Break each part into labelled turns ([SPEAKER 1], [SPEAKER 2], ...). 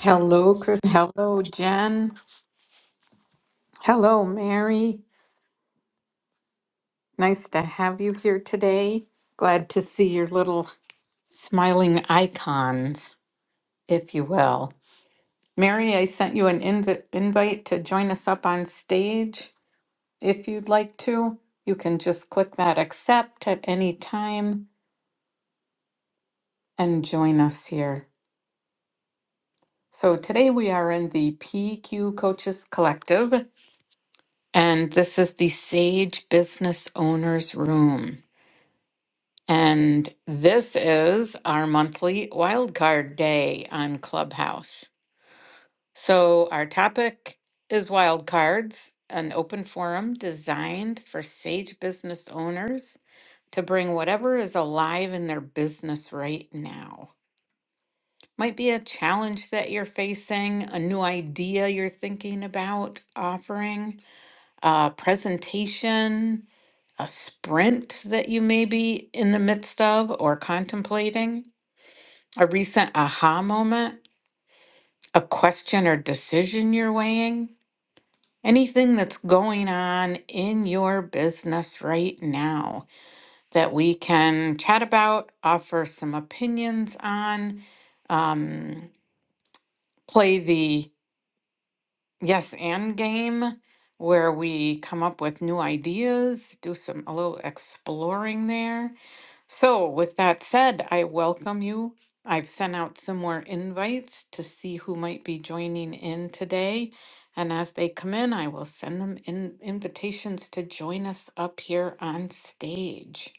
[SPEAKER 1] Hello, Chris. Hello, Jen. Hello, Mary. Nice to have you here today. Glad to see your little smiling icons, if you will. Mary, I sent you an inv- invite to join us up on stage. If you'd like to, you can just click that accept at any time and join us here. So today we are in the PQ Coaches Collective, and this is the Sage Business Owners Room. And this is our monthly wildcard day on Clubhouse. So, our topic is wildcards, an open forum designed for sage business owners to bring whatever is alive in their business right now. Might be a challenge that you're facing, a new idea you're thinking about offering, a presentation, a sprint that you may be in the midst of or contemplating. A recent aha moment? A question or decision you're weighing? Anything that's going on in your business right now that we can chat about, offer some opinions on, um, play the yes and game where we come up with new ideas, do some a little exploring there. So, with that said, I welcome you. I've sent out some more invites to see who might be joining in today. And as they come in, I will send them in invitations to join us up here on stage.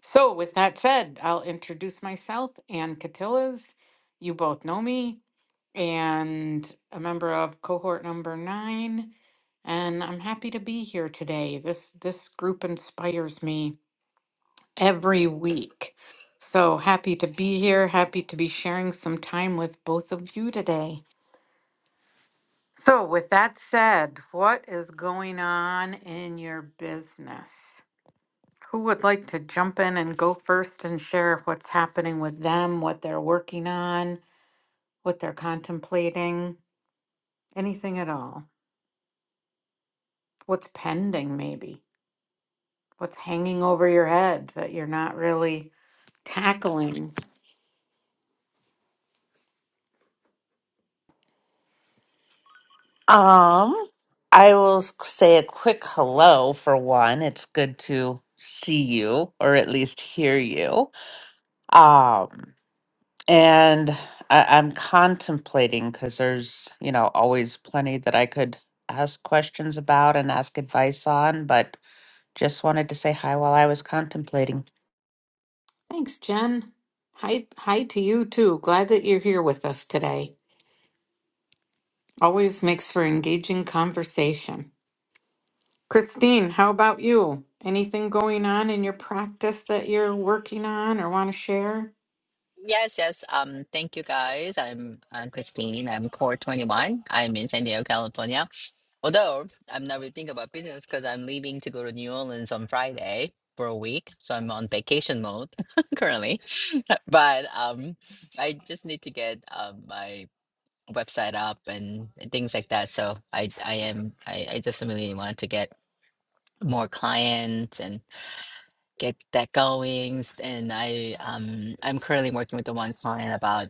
[SPEAKER 1] So, with that said, I'll introduce myself, Ann Catillas. You both know me, and a member of cohort number nine. And I'm happy to be here today. This this group inspires me every week. So happy to be here, happy to be sharing some time with both of you today. So, with that said, what is going on in your business? Who would like to jump in and go first and share what's happening with them, what they're working on, what they're contemplating, anything at all? What's pending, maybe? What's hanging over your head that you're not really tackling?
[SPEAKER 2] Um, I will s- say a quick hello for one. It's good to see you, or at least hear you. Um, and I, I'm contemplating because there's, you know, always plenty that I could ask questions about and ask advice on, but just wanted to say hi while I was contemplating.
[SPEAKER 1] Thanks, Jen. Hi, hi to you too. Glad that you're here with us today. Always makes for engaging conversation. Christine, how about you? Anything going on in your practice that you're working on or want to share?
[SPEAKER 3] Yes, yes. Um, thank you guys. I'm uh, Christine. I'm Core 21. I'm in San Diego, California. Although I'm not really thinking about business because I'm leaving to go to New Orleans on Friday for a week. So I'm on vacation mode currently. But um, I just need to get um, my website up and things like that. So I, I am, I, I just really want to get more clients and get that going. And I, um, I'm currently working with the one client about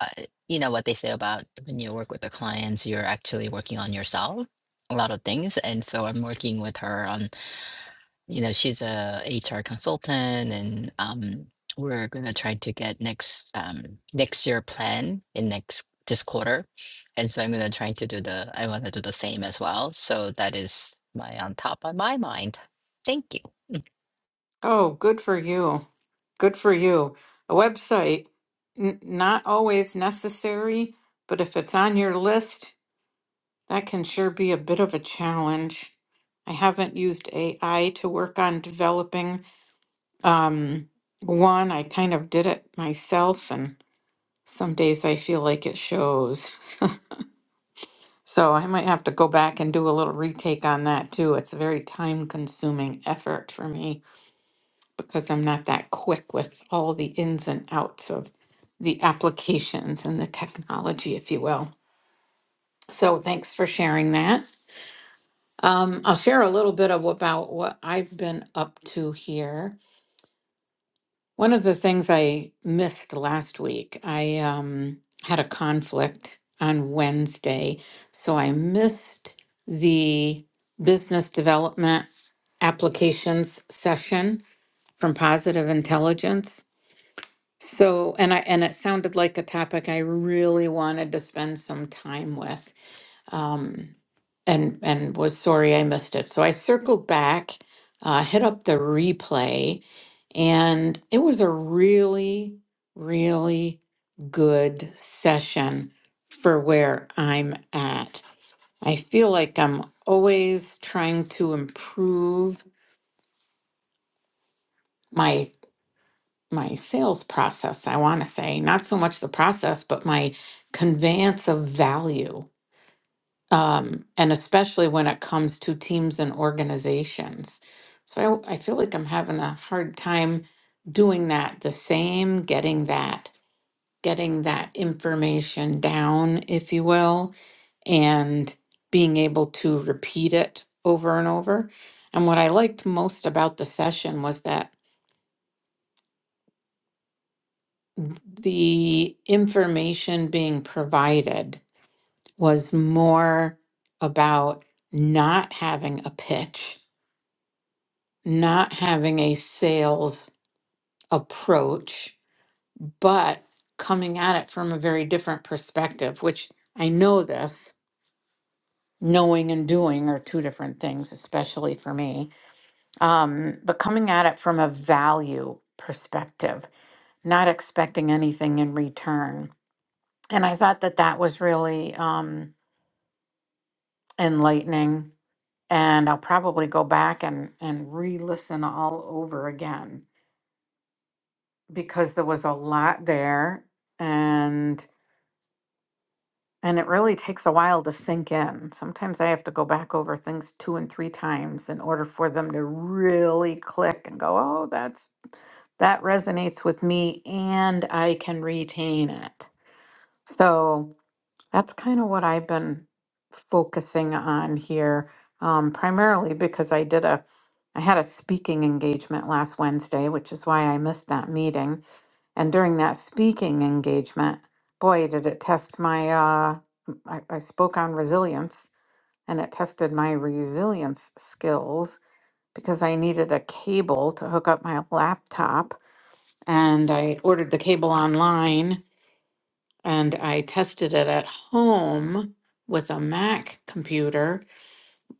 [SPEAKER 3] uh, you know what they say about when you work with the clients, you're actually working on yourself, a lot of things. And so I'm working with her on, you know, she's a HR consultant, and um, we're gonna try to get next um, next year plan in next this quarter. And so I'm gonna try to do the I want to do the same as well. So that is my on top of my mind. Thank you.
[SPEAKER 1] Oh, good for you. Good for you. A website, n- not always necessary, but if it's on your list, that can sure be a bit of a challenge. I haven't used AI to work on developing Um, one, I kind of did it myself, and some days I feel like it shows. So I might have to go back and do a little retake on that too. It's a very time consuming effort for me because I'm not that quick with all the ins and outs of the applications and the technology, if you will. So thanks for sharing that. Um, I'll share a little bit of about what I've been up to here. One of the things I missed last week, I um, had a conflict on Wednesday, so I missed the business development applications session from Positive Intelligence. So, and I and it sounded like a topic I really wanted to spend some time with um, and and was sorry I missed it. So I circled back, uh, hit up the replay, and it was a really, really good session for where I'm at. I feel like I'm always trying to improve my my sales process, I want to say, not so much the process, but my conveyance of value um, and especially when it comes to teams and organizations. So I, I feel like I'm having a hard time doing that the same, getting that, getting that information down, if you will, and being able to repeat it over and over. And what I liked most about the session was that the information being provided was more about not having a pitch not having a sales approach, but coming at it from a very different perspective, which I know this knowing and doing are two different things, especially for me. Um, but coming at it from a value perspective, not expecting anything in return. And I thought that that was really um, enlightening. And I'll probably go back and, and re listen all over again because there was a lot there and and it really takes a while to sink in. Sometimes I have to go back over things two and three times in order for them to really click and go, "Oh, that's that resonates with me and I can retain it." So, that's kind of what I've been focusing on here um, primarily because I did a I had a speaking engagement last Wednesday, which is why I missed that meeting And during that speaking engagement, boy, did it test my, uh, I, I spoke on resilience and it tested my resilience skills because I needed a cable to hook up my laptop. And I ordered the cable online and I tested it at home with a Mac computer,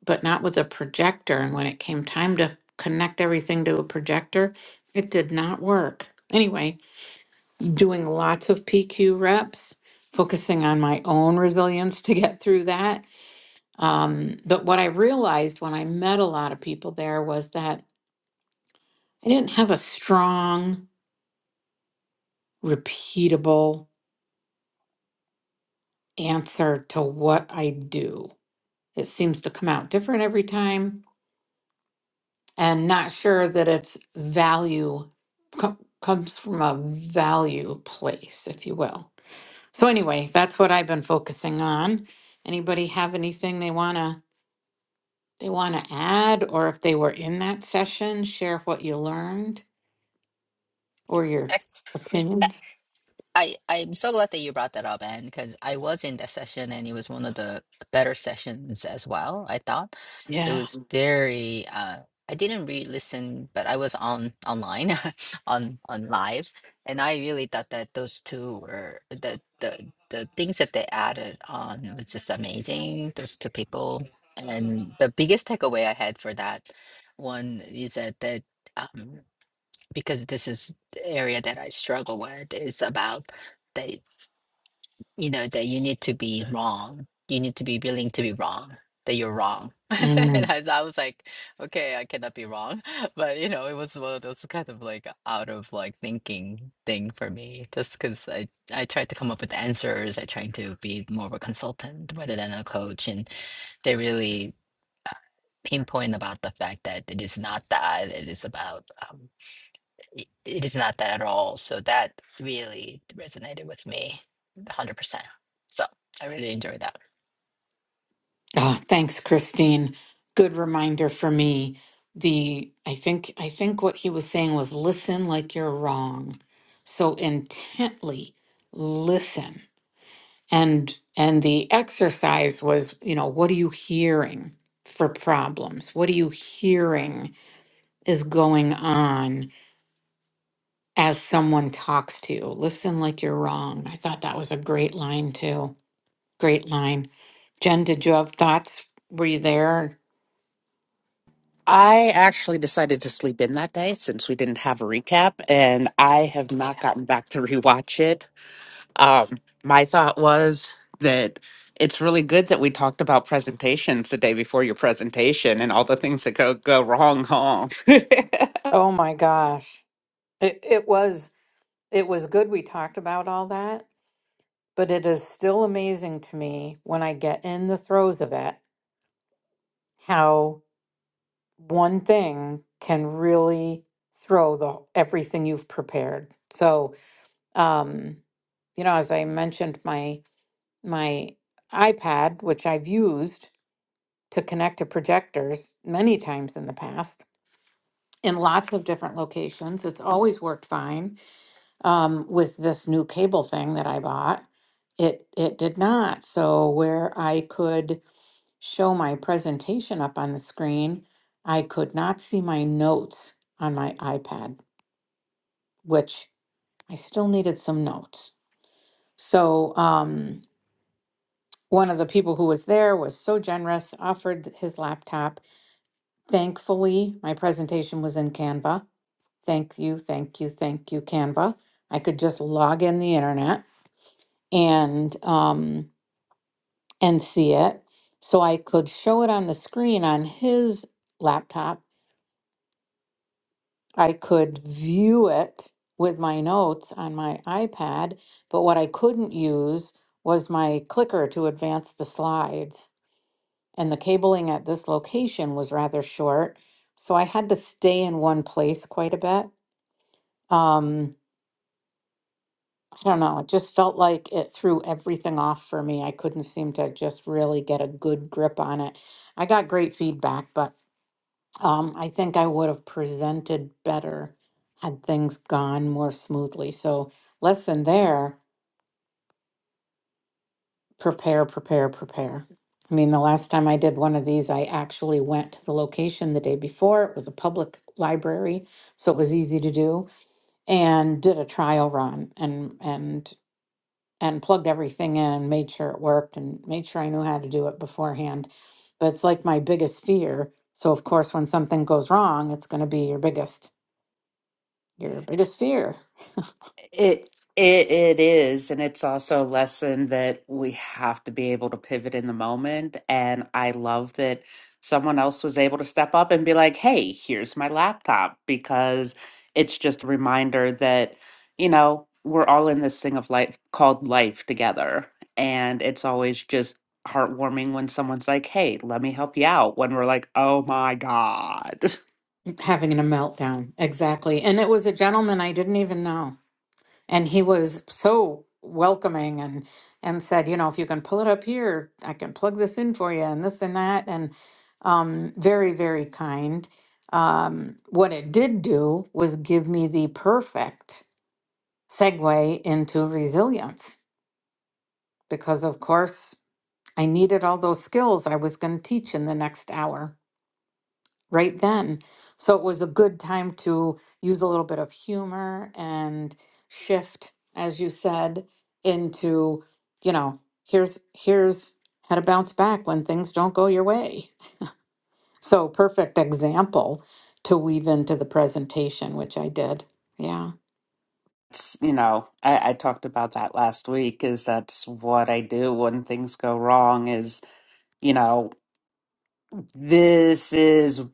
[SPEAKER 1] but not with a projector. And when it came time to connect everything to a projector, it did not work. Anyway, doing lots of PQ reps, focusing on my own resilience to get through that. Um, but what I realized when I met a lot of people there was that I didn't have a strong, repeatable answer to what I do. It seems to come out different every time, and not sure that its value co- comes from a value place, if you will. So, anyway, that's what I've been focusing on. Anybody have anything they want to? they want to add, or if they were in that session, share what you learned or your opinions.
[SPEAKER 3] I I'm so glad that you brought that up, and because I was in that session, and it was one of the better sessions as well. I thought it
[SPEAKER 1] Yeah.
[SPEAKER 3] was very. Uh, I didn't re-listen, but I was on online, on on live, and I really thought that those two were the the the things that they added on was just amazing. Those two people, and the biggest takeaway I had for that one is that that. um, because this is the area that I struggle with is about that you know that you need to be wrong. You need to be willing to be wrong. That you're wrong. and
[SPEAKER 1] Mm.
[SPEAKER 3] I, I was like, okay, I cannot be wrong. But you know, it was one of those kind of like out of like thinking thing for me, just because I I tried to come up with answers. I tried to be more of a consultant rather than a coach, and they really uh, pinpoint about the fact that it is not that. It is about. um, i- it is not that at all. So that really resonated with me 100%. So I really enjoyed that.
[SPEAKER 1] Ah, thanks, Christine. Good reminder for me. The I think I think what he was saying was listen like you're wrong. So intently listen. And and the exercise was, you know, what are you hearing for problems? What are you hearing is going on? as someone talks to you. Listen like you're wrong. I thought that was a great line, too. Great line. Jen, did you have thoughts? Were you there?
[SPEAKER 2] I actually decided to sleep in that day since we didn't have a recap, and I have not gotten back to rewatch it. Um, my thought was that it's really good that we talked about presentations the day before your presentation and all the things that go go wrong. Huh?
[SPEAKER 1] Oh my gosh. It, it was it was good we talked about all that, but it is still amazing to me when I get in the throes of it how one thing can really throw the everything you've prepared. So, um, you know, as I mentioned my my iPad, which I've used to connect to projectors many times in the past in lots of different locations. It's always worked fine. Um, with this new cable thing that I bought, it it did not. So where I could show my presentation up on the screen, I could not see my notes on my iPad, which I still needed some notes. So um, one of the people who was there was so generous, offered his laptop Thankfully, my presentation was in Canva. Thank you, thank you, thank you, Canva. I could just log in the internet and um, and see it. So I could show it on the screen on his laptop. I could view it with my notes on my iPad, but what I couldn't use was my clicker to advance the slides. And the cabling at this location was rather short, so I had to stay in one place quite a bit. Um, I don't know. It just felt like it threw everything off for me. I couldn't seem to just really get a good grip on it. I got great feedback, but um, I think I would have presented better had things gone more smoothly. So, lesson there prepare, prepare, prepare. I mean, the last time I did one of these, I actually went to the location the day before. It was a public library, so it was easy to do, and did a trial run. And and and plugged everything in, made sure it worked, and made sure I knew how to do it beforehand. But it's like my biggest fear. So of course, when something goes wrong, it's going to be your biggest your biggest fear
[SPEAKER 2] It it it is, and it's also a lesson that we have to be able to pivot in the moment. And I love that someone else was able to step up and be like, "Hey, here's my laptop," because it's just a reminder that, you know, we're all in this thing of life called life together. And it's always just heartwarming when someone's like, "Hey, let me help you out," when we're like, "Oh my God."
[SPEAKER 1] having a meltdown. Exactly. And it was a gentleman I didn't even know, and he was so welcoming and and said, you know, if you can pull it up here, I can plug this in for you, and this and that, and um, very very kind. Um, what it did do was give me the perfect segue into resilience because, of course, I needed all those skills I was going to teach in the next hour right then. So it was a good time to use a little bit of humor and shift, as you said, into, you know, here's, here's, how to bounce back when things don't go your way. So, perfect example to weave into the presentation, which I did. Yeah.
[SPEAKER 2] it's- you know, I, I talked about that last week is that's what I do when things go wrong is, you know, this is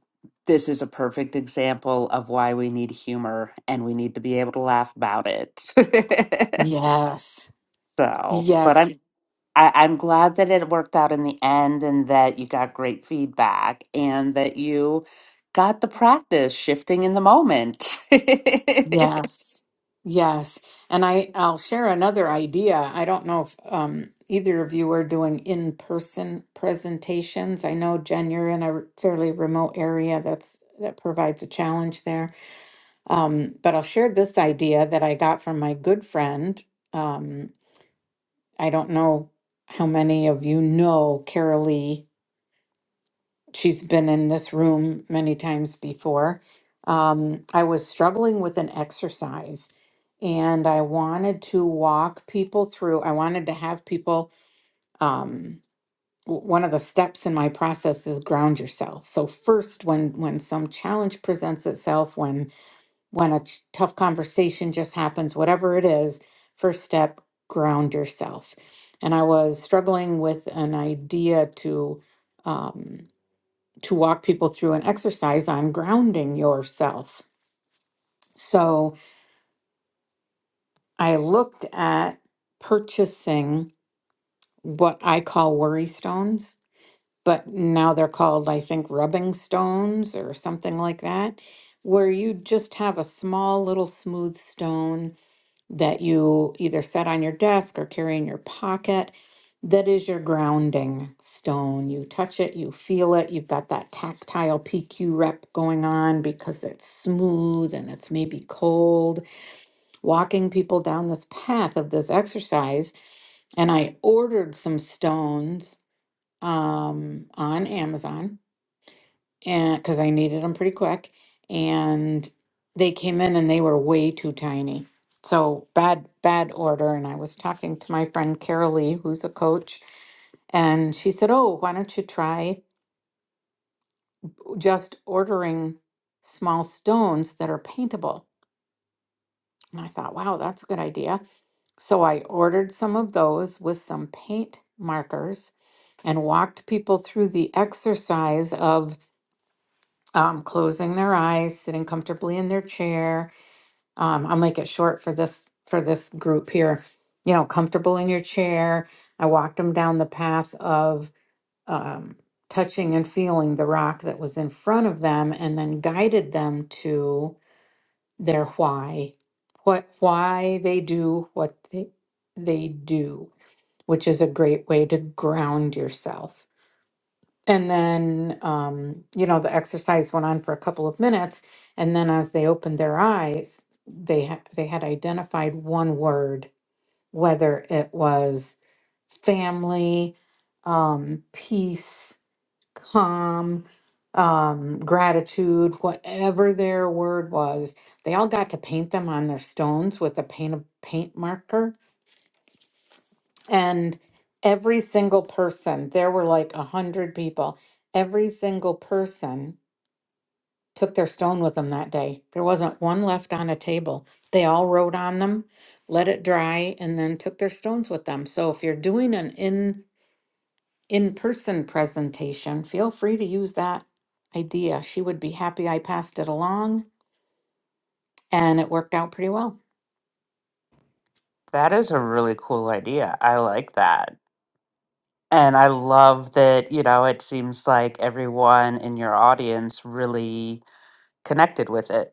[SPEAKER 2] this is a perfect example of why we need humor and we need to be able to laugh about it.
[SPEAKER 1] Yes.
[SPEAKER 2] so, but
[SPEAKER 1] Yes.
[SPEAKER 2] I'm I, I'm glad that it worked out in the end and that you got great feedback and that you got the practice shifting in the moment.
[SPEAKER 1] Yes, yes. And I, I'll share another idea. I don't know if um, either of you are doing in-person presentations. I know, Jen, you're in a fairly remote area. That's that provides a challenge there. Um, but I'll share this idea that I got from my good friend. Um, I don't know how many of you know Carol Lee she's been in this room many times before. Um, I was struggling with an exercise and I wanted to walk people through, I wanted to have people. Um, w- one of the steps in my process is ground yourself. So first, when when some challenge presents itself, when when a ch- tough conversation just happens, whatever it is, first step, ground yourself. And I was struggling with an idea to um, to walk people through an exercise on grounding yourself. So I looked at purchasing what I call worry stones, but now they're called, I think, rubbing stones or something like that, where you just have a small little smooth stone that you either set on your desk or carry in your pocket. That is your grounding stone. You touch it, you feel it, you've got that tactile PQ rep going on because it's smooth and it's maybe cold. Walking people down this path of this exercise, and I ordered some stones um, on Amazon and because I needed them pretty quick, and they came in and they were way too tiny. So bad, bad order. And I was talking to my friend Carol Lee, who's a coach, and she said, "Oh, why don't you try just ordering small stones that are paintable?" And I thought, "Wow, that's a good idea." So I ordered some of those with some paint markers and walked people through the exercise of um, closing their eyes, sitting comfortably in their chair, um, I'll make it short for this for this group here. You know, comfortable in your chair. I walked them down the path of um, touching and feeling the rock that was in front of them, and then guided them to their why, what why they do what they they do, which is a great way to ground yourself and then, um, you know, the exercise went on for a couple of minutes, and then as they opened their eyes, they ha- they had identified one word, whether it was family, um, peace, calm, um, gratitude, whatever their word was. They all got to paint them on their stones with a paint a paint marker and every single person, there were like a hundred people, every single person took their stone with them that day. There wasn't one left on a table. They all wrote on them, let it dry, and then took their stones with them. So if you're doing an in in person presentation, feel free to use that idea. She would be happy I passed it along and it worked out pretty well.
[SPEAKER 2] that is a really cool idea. I like that. And I love that, you know, it seems like everyone in your audience really connected with it.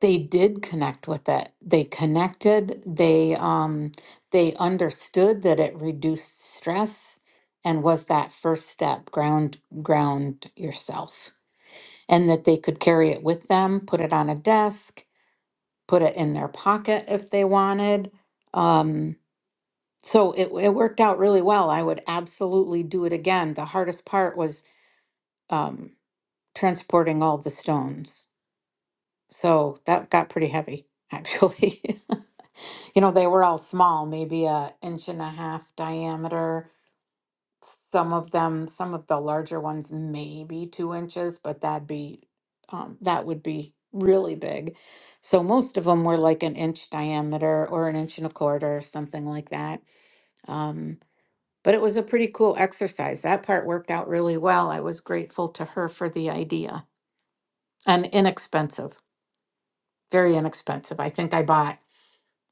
[SPEAKER 1] they did connect with it. They connected, they um they understood that it reduced stress and was that first step, ground ground yourself. And that they could carry it with them, put it on a desk, put it in their pocket if they wanted. Um so it it worked out really well. I would absolutely do it again. The hardest part was um transporting all the stones So that got pretty heavy, actually. You know, they were all small, maybe a inch and a half diameter. Some of them, some of the larger ones, maybe two inches, but that'd be um, that would be really big. So most of them were like an inch diameter or an inch and a quarter, something like that. Um, but it was a pretty cool exercise. That part worked out really well. I was grateful to her for the idea and inexpensive, very inexpensive. I think I bought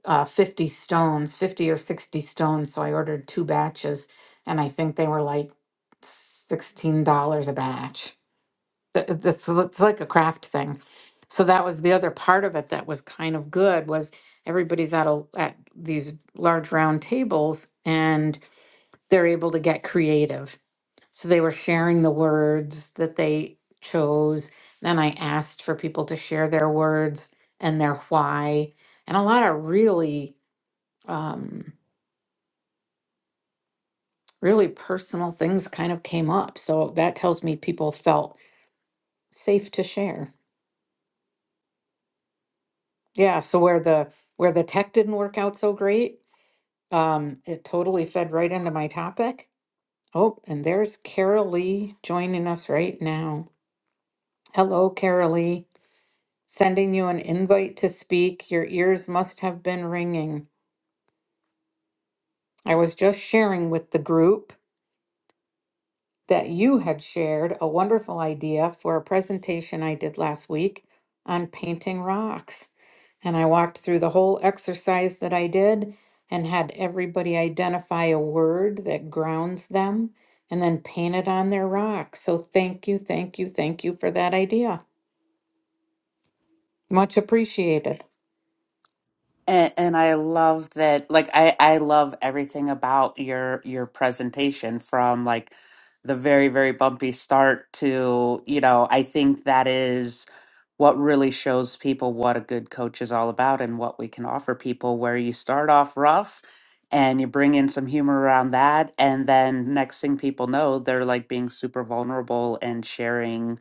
[SPEAKER 1] uh, 50 stones, 50 or 60 stones. So I ordered two batches, and I think they were like $16 a batch. Th- It's, it's like a craft thing. So that was the other part of it that was kind of good was everybody's at a at these large round tables and they're able to get creative. So they were sharing the words that they chose. Then I asked for people to share their words and their why and a lot of really um, really personal things kind of came up. So that tells me people felt safe to share. Yeah. So where the where the tech didn't work out so great, um, it totally fed right into my topic. Oh, and there's Carol Lee joining us right now. Hello, Carol Lee. Sending you an invite to speak. Your ears must have been ringing. I was just sharing with the group that you had shared a wonderful idea for a presentation I did last week on painting rocks. And I walked through the whole exercise that I did and had everybody identify a word that grounds them and then paint it on their rock. So thank you, thank you, thank you for that idea. Much appreciated.
[SPEAKER 2] And, and I love that, like I, I love everything about your your presentation from like the very, very bumpy start to, you know, I think that is what really shows people what a good coach is all about and what we can offer people, where you start off rough and you bring in some humor around that, and then next thing people know, they're like being super vulnerable and sharing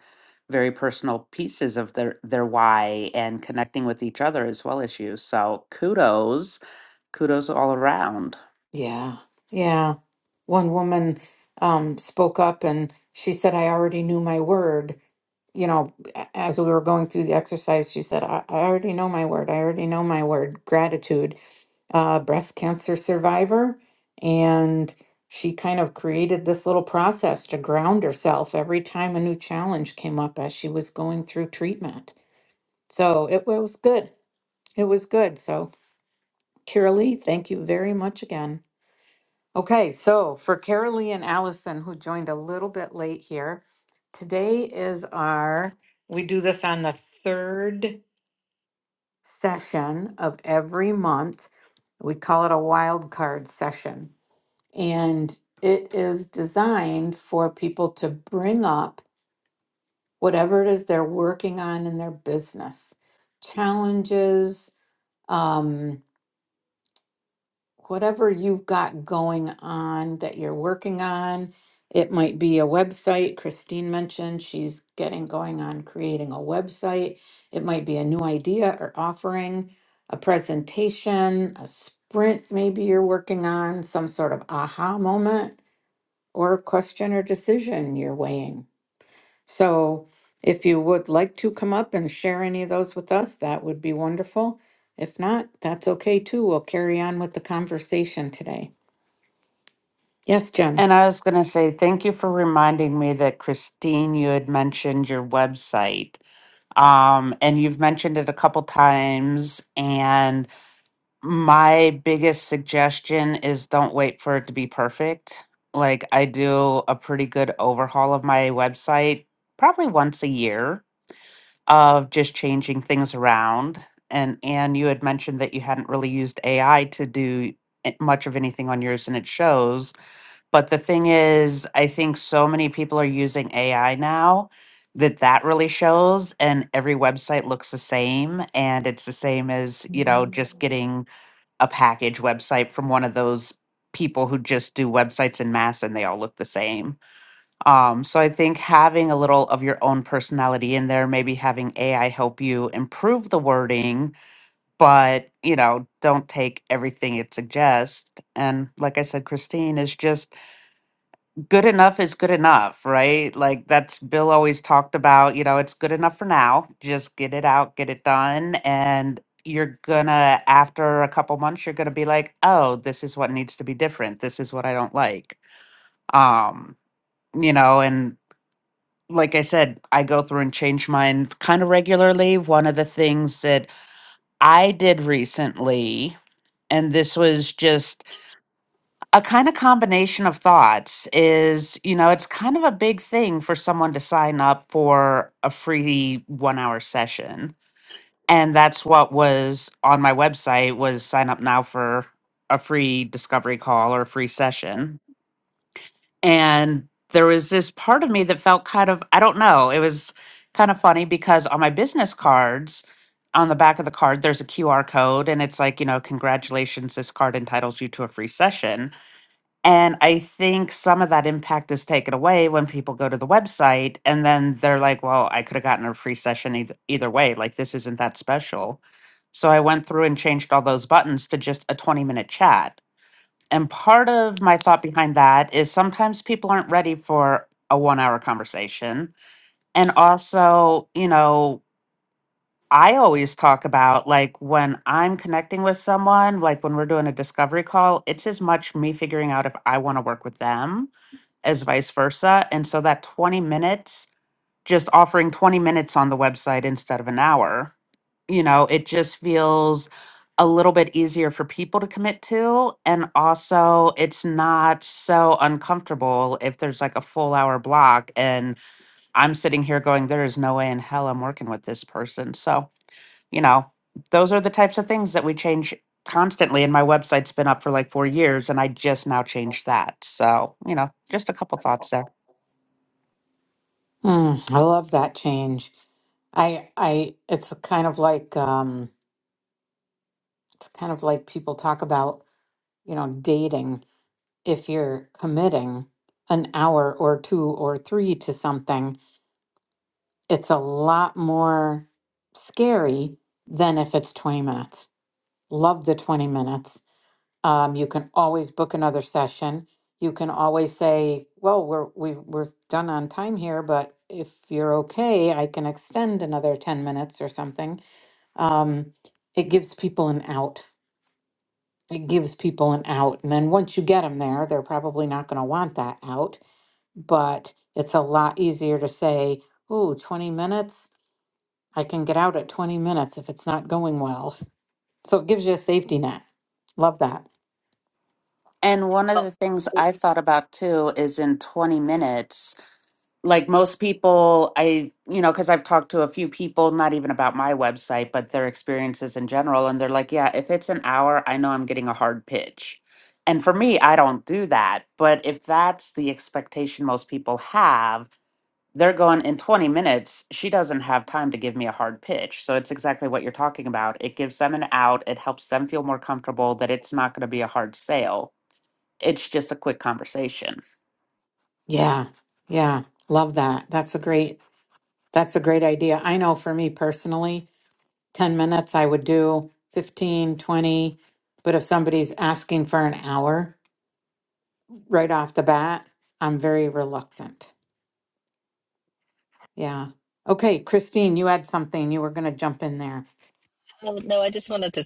[SPEAKER 2] very personal pieces of their their why and connecting with each other as well as you. So kudos, kudos all around.
[SPEAKER 1] Yeah, yeah. One woman um, spoke up and she said, I already knew my word. you know, a- as we were going through the exercise, she said, I, I already know my word. I already know my word, gratitude, uh, breast cancer survivor. And she kind of created this little process to ground herself every time a new challenge came up as she was going through treatment. So it was good. It was good. So, Kiralee, thank you very much again. Okay, so for Carolee and Allison, who joined a little bit late here, today is our, we do this on the third session of every month. We call it a wild card session. And it is designed for people to bring up whatever it is they're working on in their business, challenges, um, whatever you've got going on that you're working on. It might be a website. Christine mentioned she's getting going on creating a website. It might be a new idea or offering, a presentation, a sprint maybe you're working on, some sort of aha moment or question or decision you're weighing. So if you would like to come up and share any of those with us, that would be wonderful. If not, that's okay too. We'll carry on with the conversation today. Yes, Jen.
[SPEAKER 2] And I was going to say thank you for reminding me that Christine, you had mentioned your website, um, and you've mentioned it a couple times. And my biggest suggestion is don't wait for it to be perfect. Like I do a pretty good overhaul of my website probably once a year of just changing things around. And Anne, you had mentioned that you hadn't really used AI to do a- much of anything on yours, and it shows. But the thing is, I think so many people are using AI now that that really shows, and every website looks the same, and it's the same as you know just getting a package website from one of those people who just do websites in mass, and they all look the same. Um, so I think having a little of your own personality in there, maybe having AI help you improve the wording, but you know, don't take everything it suggests. And like I said, Christine is just good enough is good enough, right? Like that's Bill always talked about, you know, it's good enough for now. Just get it out, get it done. And you're gonna, after a couple months, you're gonna be like, oh, this is what needs to be different. This is what I don't like. Um, you know, and like I said, I go through and change mine kind of regularly. One of the things that I did recently, and this was just a kind of combination of thoughts, is you know, it's kind of a big thing for someone to sign up for a free one hour session. And that's what was on my website was sign up now for a free discovery call or a free session and there was this part of me that felt kind of i don't know it was kind of funny because on my business cards on the back of the card there's a qr code and it's like you know congratulations this card entitles you to a free session and i think some of that impact is taken away when people go to the website and then they're like well i could have gotten a free session either, either way like this isn't that special so i went through and changed all those buttons to just a 20 minute chat and part of my thought behind that is sometimes people aren't ready for a one hour conversation. And also, you know, I always talk about like when I'm connecting with someone, like when we're doing a discovery call, it's as much me figuring out if I want to work with them as vice versa. And so that 20 minutes just offering 20 minutes on the website instead of an hour. You know, it just feels a little bit easier for people to commit to. And also, it's not so uncomfortable if there's like a full hour block and I'm sitting here going, there is no way in hell I'm working with this person. So, you know, those are the types of things that we change constantly. And my website's been up for like four years and I just now changed that. So, you know, just a couple thoughts there.
[SPEAKER 1] Mm, I love that change. I, I, it's kind of like, um, it's kind of like people talk about, you know, dating. If you're committing an hour or two or three to something, it's a lot more scary than if it's 20 minutes. Love the 20 minutes Um, you can always book another session. You can always say, well, we're, we, we're done on time here, but if you're okay, I can extend another 10 minutes or something. Um, it gives people an out. It gives people an out. And then once you get them there, they're probably not going to want that out, but it's a lot easier to say, ooh, 20 minutes. I can get out at 20 minutes if it's not going well. So it gives you a safety net. Love that.
[SPEAKER 2] And one of the things I thought about too is in 20 minutes, like most people i you know because i've talked to a few people not even about my website but their experiences in general and they're like yeah if it's an hour i know i'm getting a hard pitch and for me i don't do that but if that's the expectation most people have they're going in 20 minutes she doesn't have time to give me a hard pitch so it's exactly what you're talking about it gives them an out it helps them feel more comfortable that it's not going to be a hard sale it's just a quick conversation
[SPEAKER 1] Yeah. Yeah. Love that. That's a great that's a great idea. I know for me personally, 10 minutes I would do 15, 20. but if somebody's asking for an hour right off the bat, I'm very reluctant. Yeah. Okay, Christine, you had something. You were going to jump in there.
[SPEAKER 3] Oh, no, I just wanted to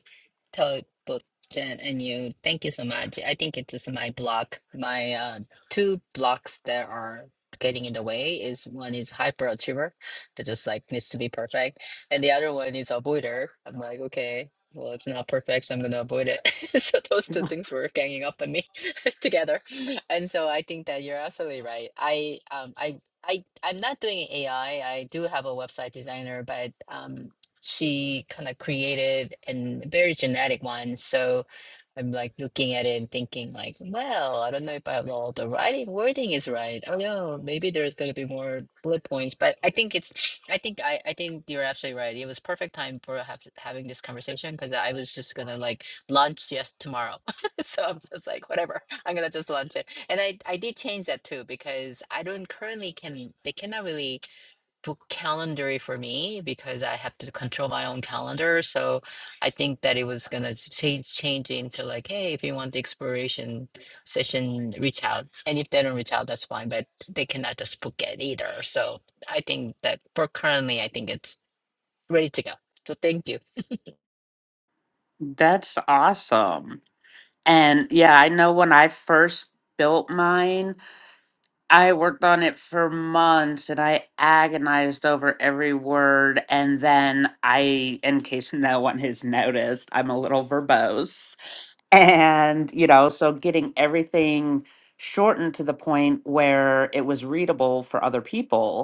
[SPEAKER 3] tell both Jen and you, thank you so much. I think it is just my block. My uh, two blocks that are getting in the way is one is hyperachiever that just like needs to be perfect, and the other one is avoider. I'm like, okay, well, it's not perfect, so I'm gonna avoid it. So those two things were ganging up on me together, and so I think that you're absolutely right. I um I. I, I'm not doing AI. I I do have a website designer, but um, she kind of created and very genetic one. So I'm like looking at it and thinking like, well, I don't know if I have all the writing wording is right. Oh no, maybe there's gonna be more bullet points. But I think it's I think I, I think you're absolutely right. It was perfect time for have, having this conversation because I was just gonna like launch yes tomorrow. so I'm just like whatever, I'm gonna just launch it. And I I did change that too because I don't currently can they cannot really book calendar for me because I have to control my own calendar. So I think that it was gonna change change into like, hey, if you want the exploration session, reach out. And if they don't reach out, that's fine, but they cannot just book it either. So I think that for currently, I think it's ready to go. So thank you.
[SPEAKER 2] that's awesome. And yeah, I know when I first built mine, I worked on it for months and I agonized over every word. And then I, in case no one has noticed, I'm a little verbose. And, you know, so getting everything shortened to the point where it was readable for other people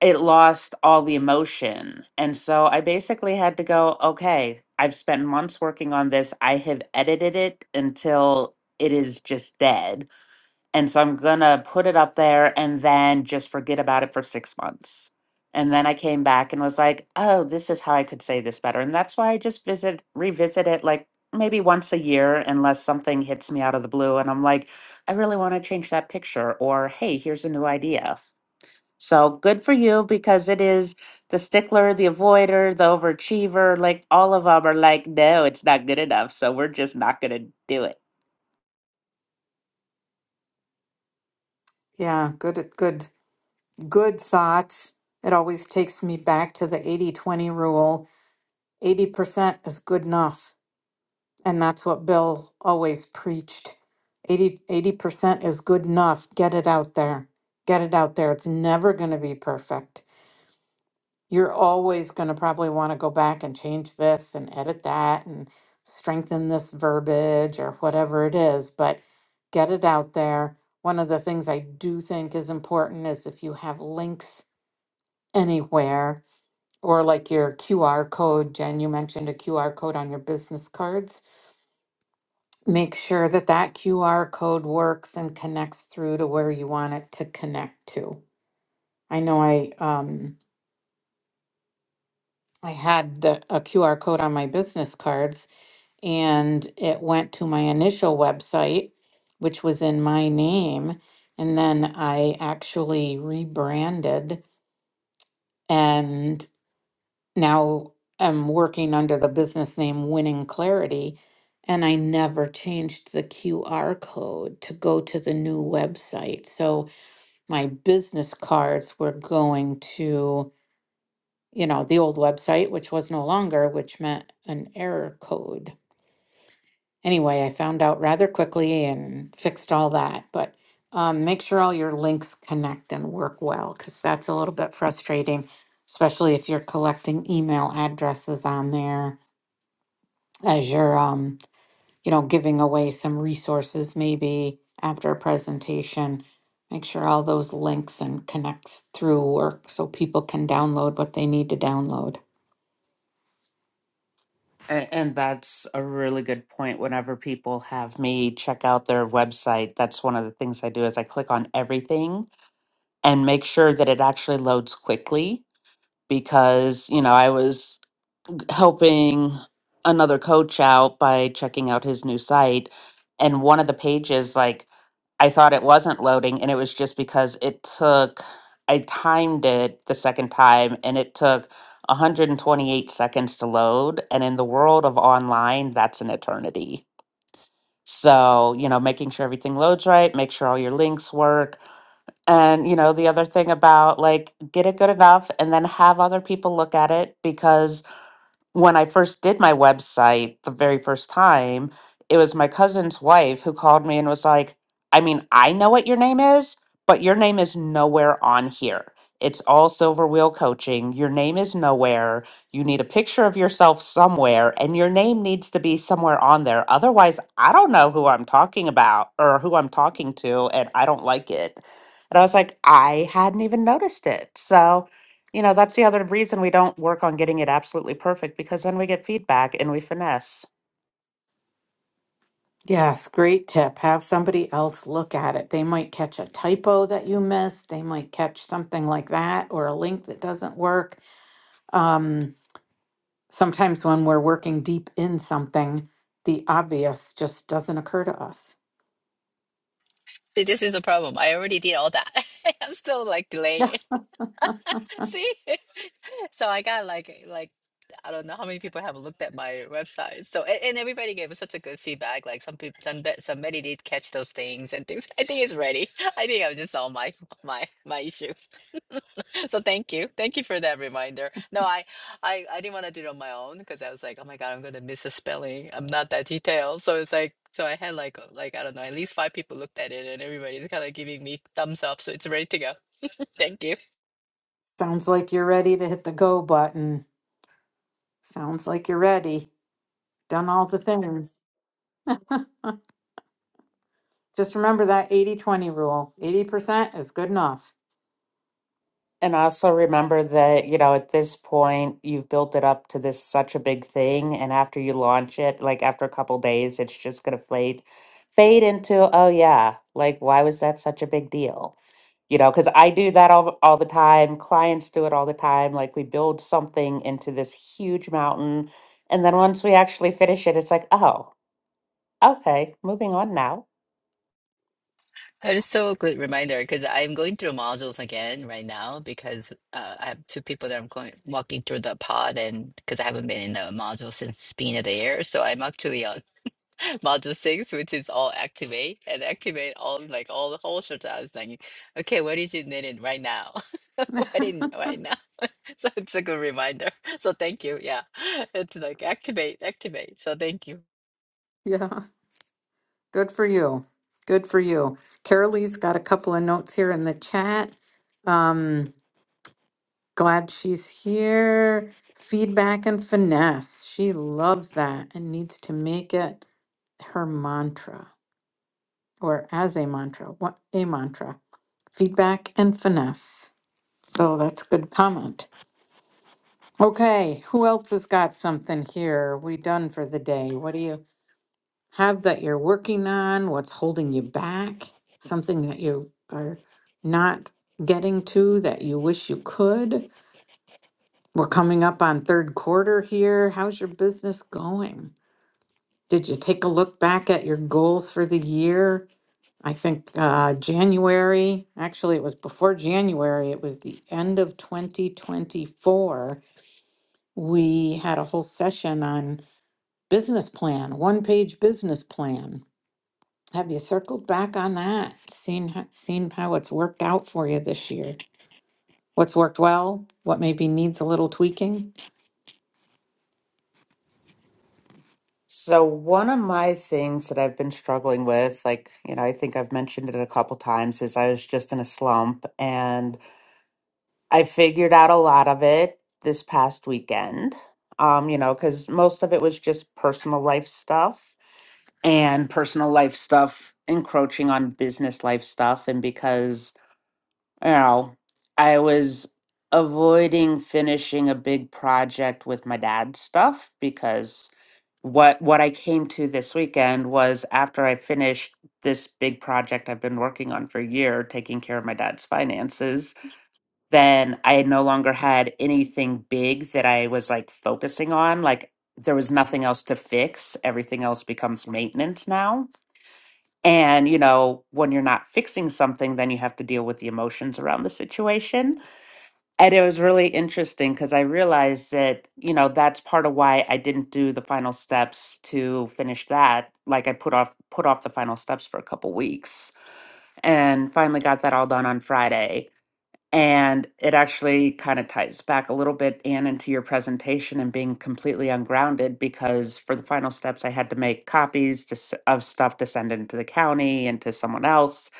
[SPEAKER 2] it lost all the emotion. And so I basically had to go, okay, I've spent months working on this. I have edited it until it is just dead. And so I'm going to put it up there and then just forget about it for six months. And then I came back and was like, oh, this is how I could say this better. And that's why I just visit, revisit it like maybe once a year, unless something hits me out of the blue and I'm like, I really want to change that picture. Or, hey, here's a new idea. So good for you because it is the stickler, the avoider, the overachiever. Like all of them are like, no, it's not good enough. So we're just not going to do it.
[SPEAKER 1] Yeah, good good good thoughts. It always takes me back to the eighty twenty rule. 80% is good enough. And that's what Bill always preached. 80 percent is good enough. Get it out there. Get it out there. It's never going to be perfect. You're always going to probably want to go back and change this and edit that and strengthen this verbiage or whatever it is, but get it out there. One of the things I do think is important is if you have links anywhere or like your QR code, Jen, you mentioned a QR code on your business cards Make sure that that QR code works and connects through to where you want it to connect to. I know I um I had the a QR code on my business cards and it went to my initial website, which was in my name, and then I actually rebranded and now I'm working under the business name Winning Clarity. And I never changed the QR code to go to the new website. So my business cards were going to, you know, the old website, which was no longer, which meant an error code. Anyway, I found out rather quickly and fixed all that. But um, make sure all your links connect and work well because that's a little bit frustrating, especially if you're collecting email addresses on there as your um, you know, giving away some resources maybe after a presentation. Make sure all those links and connects through work so people can download what they need to download.
[SPEAKER 2] And, and that's a really good point. Whenever people have me check out their website, that's one of the things I do is I click on everything and make sure that it actually loads quickly because, you know, I was helping another coach out by checking out his new site and one of the pages like I thought it wasn't loading and it was just because it took I timed it the second time and it took 128 seconds to load and in the world of online that's an eternity. So, you know, making sure everything loads right, make sure all your links work. And, you know, the other thing about like get it good enough and then have other people look at it because when I first did my website the very first time, it was my cousin's wife who called me and was like, I mean, I know what your name is, but your name is nowhere on here. It's all Silver Wheel Coaching. Your name is nowhere. You need a picture of yourself somewhere, and your name needs to be somewhere on there. Otherwise, I don't know who I'm talking about or who I'm talking to, and I don't like it. And I was like, I hadn't even noticed it. So, you know, that's the other reason we don't work on getting it absolutely perfect because then we get feedback and we finesse.
[SPEAKER 1] Yes, great tip. Have somebody else look at it. They might catch a typo that you missed. They might catch something like that or a link that doesn't work. Um, sometimes when we're working deep in something, the obvious just doesn't occur to us.
[SPEAKER 3] See, this is a problem. I already did all that. I'm still like delaying.
[SPEAKER 1] Yeah.
[SPEAKER 3] See? So I got like eh, like I don't know how many people have looked at my website. So and, and everybody gave us such a good feedback. Like some people some bet somebody did catch those things and things. I think it's ready. I think I've just solved my my my issues. So thank you. Thank you for that reminder. No, I I, I didn't want to do it on my own because I was like, oh my God, I'm gonna miss a spelling. I'm not that detailed. So it's like so I had like uh, like I don't know, at least five people looked at it and everybody's kind of giving me thumbs up. So it's ready to go. Thank you.
[SPEAKER 1] Sounds like you're ready to hit the go button. Sounds like you're ready. Done all the things. Just remember that 80 20 rule 80% is good enough.
[SPEAKER 2] And also remember that, you know, at this point, you've built it up to this such a big thing. And after you launch it, like after a couple days, it's just going to fade, fade into, oh, yeah, like, why was that such a big deal? You know, because I do that all, all the time. Clients do it all the time. Like, we build something into this huge mountain. And then once we actually finish it, it's like, oh, okay, moving on now
[SPEAKER 3] That is so a good reminder because I'm going through modules again right now because uh, I have two people that I'm going walking through the pod and because I haven't been in the module since being of the year, so I'm actually on module six, which is all activate and activate all like all the whole shit. I was like, okay, what is it needed right now? What in right now? So it's a good reminder. So thank you. Yeah, it's like activate, activate. So thank you.
[SPEAKER 1] yeah, good for you. Good for you. Carolee's got a couple of notes here in the chat. Um, glad she's here. Feedback and finesse. She loves that and needs to make it her mantra or as a mantra. What a mantra. Feedback and finesse. So that's a good comment. Okay, who else has got something here? Are we done for the day? What do you have that you're working on? What's holding you back? Something that you are not getting to that you wish you could? We're coming up on third quarter here. How's your business going? Did you take a look back at your goals for the year? I think uh, January, actually, it was before January, it was the end of 2024. We had a whole session on Business plan, one page business plan. Have you circled back on that? Seen how, seen how it's worked out for you this year? What's worked well? What maybe needs a little tweaking?
[SPEAKER 2] So, one of my things that I've been struggling with, like, you know, I think I've mentioned it a couple times, is I was just in a slump and I figured out a lot of it this past weekend. Um, you know, because most of it was just personal life stuff and personal life stuff encroaching on business life stuff. And because you know, I was avoiding finishing a big project with my dad's stuff because what what I came to this weekend was after I finished this big project I've been working on for a year, taking care of my dad's finances, then I no longer had anything big that I was like focusing on. Like there was nothing else to fix. Everything else becomes maintenance now. And, you know, when you're not fixing something, then you have to deal with the emotions around the situation. And it was really interesting because I realized that, you know, that's part of why I didn't do the final steps to finish that. Like I put off put off the final steps for a couple weeks and finally got that all done on Friday and it actually kind of ties back a little bit, Anne, into your presentation and being completely ungrounded because for the final steps, I had to make copies to, s- of stuff to send into the county and to someone else.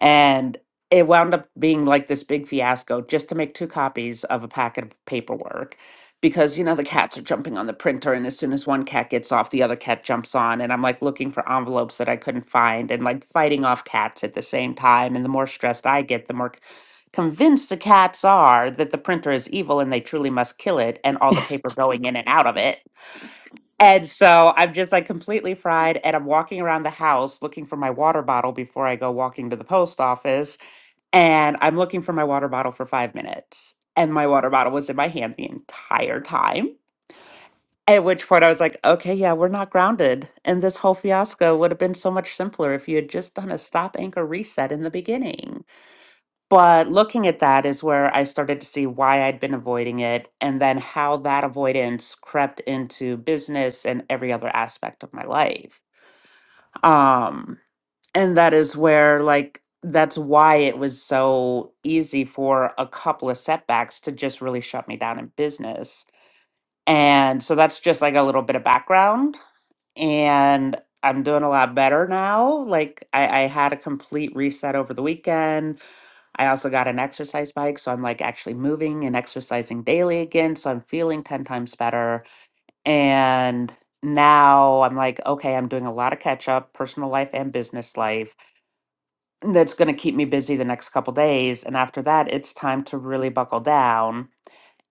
[SPEAKER 2] And it wound up being like this big fiasco just to make two copies of a packet of paperwork because, you know, the cats are jumping on the printer. And as soon as one cat gets off, the other cat jumps on. And I'm like looking for envelopes that I couldn't find and like fighting off cats at the same time. And the more stressed I get, the more convinced the cats are that the printer is evil and they truly must kill it and all the paper going in and out of it. And so I'm just like completely fried and I'm walking around the house looking for my water bottle before I go walking to the post office. And I'm looking for my water bottle for five minutes. And my water bottle was in my hand the entire time. At which point I was like, okay, yeah, we're not grounded. And this whole fiasco would have been so much simpler if you had just done a stop anchor reset in the beginning. But looking at that is where I started to see why I'd been avoiding it and then how that avoidance crept into business and every other aspect of my life. Um, and that is where, like, that's why it was so easy for a couple of setbacks to just really shut me down in business. And so that's just like a little bit of background. And I'm doing a lot better now. Like, I, I had a complete reset over the weekend I also got an exercise bike, so I'm like actually moving and exercising daily again. So I'm feeling 10 times better. And now I'm like, okay, I'm doing a lot of catch up, personal life and business life. That's going to keep me busy the next couple days. And after that, it's time to really buckle down.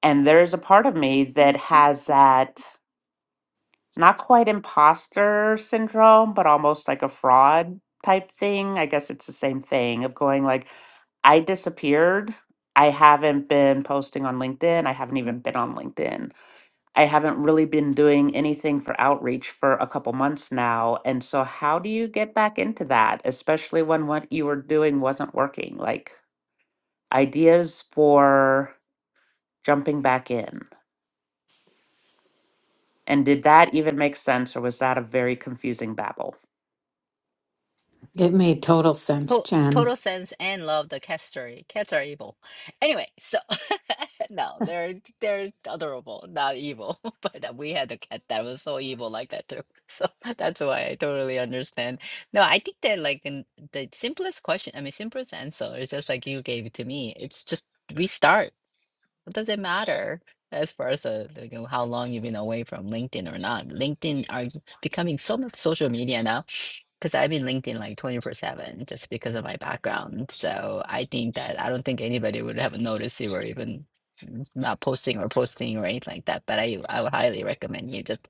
[SPEAKER 2] And there's a part of me that has that not quite imposter syndrome, but almost like a fraud type thing. I guess it's the same thing of going like, I disappeared. I haven't been posting on LinkedIn. I haven't even been on LinkedIn. I haven't really been doing anything for outreach for a couple months now. And so, how do you get back into that, especially when what you were doing wasn't working? Like, ideas for jumping back in. And did that even make sense, or was that a very confusing babble?
[SPEAKER 1] It made total sense,
[SPEAKER 3] To-
[SPEAKER 1] Jen.
[SPEAKER 3] total sense and love the cats are e, cats are evil. Anyway, so no, they're they're adorable, not evil. But uh, we had a cat that was so evil like that too. So that's why I totally understand. No, I think that like in the simplest question, I mean simplest answer is just like you gave it to me. It's just restart. What does it doesn't matter as far as uh, like, you know, how long you've been away from LinkedIn or not? LinkedIn are becoming so much social media now because I've been LinkedIn like 24 7 just because of my background. So I think that I don't think anybody would have noticed you were even mm, not posting or posting or anything like that. But I, I would highly recommend you just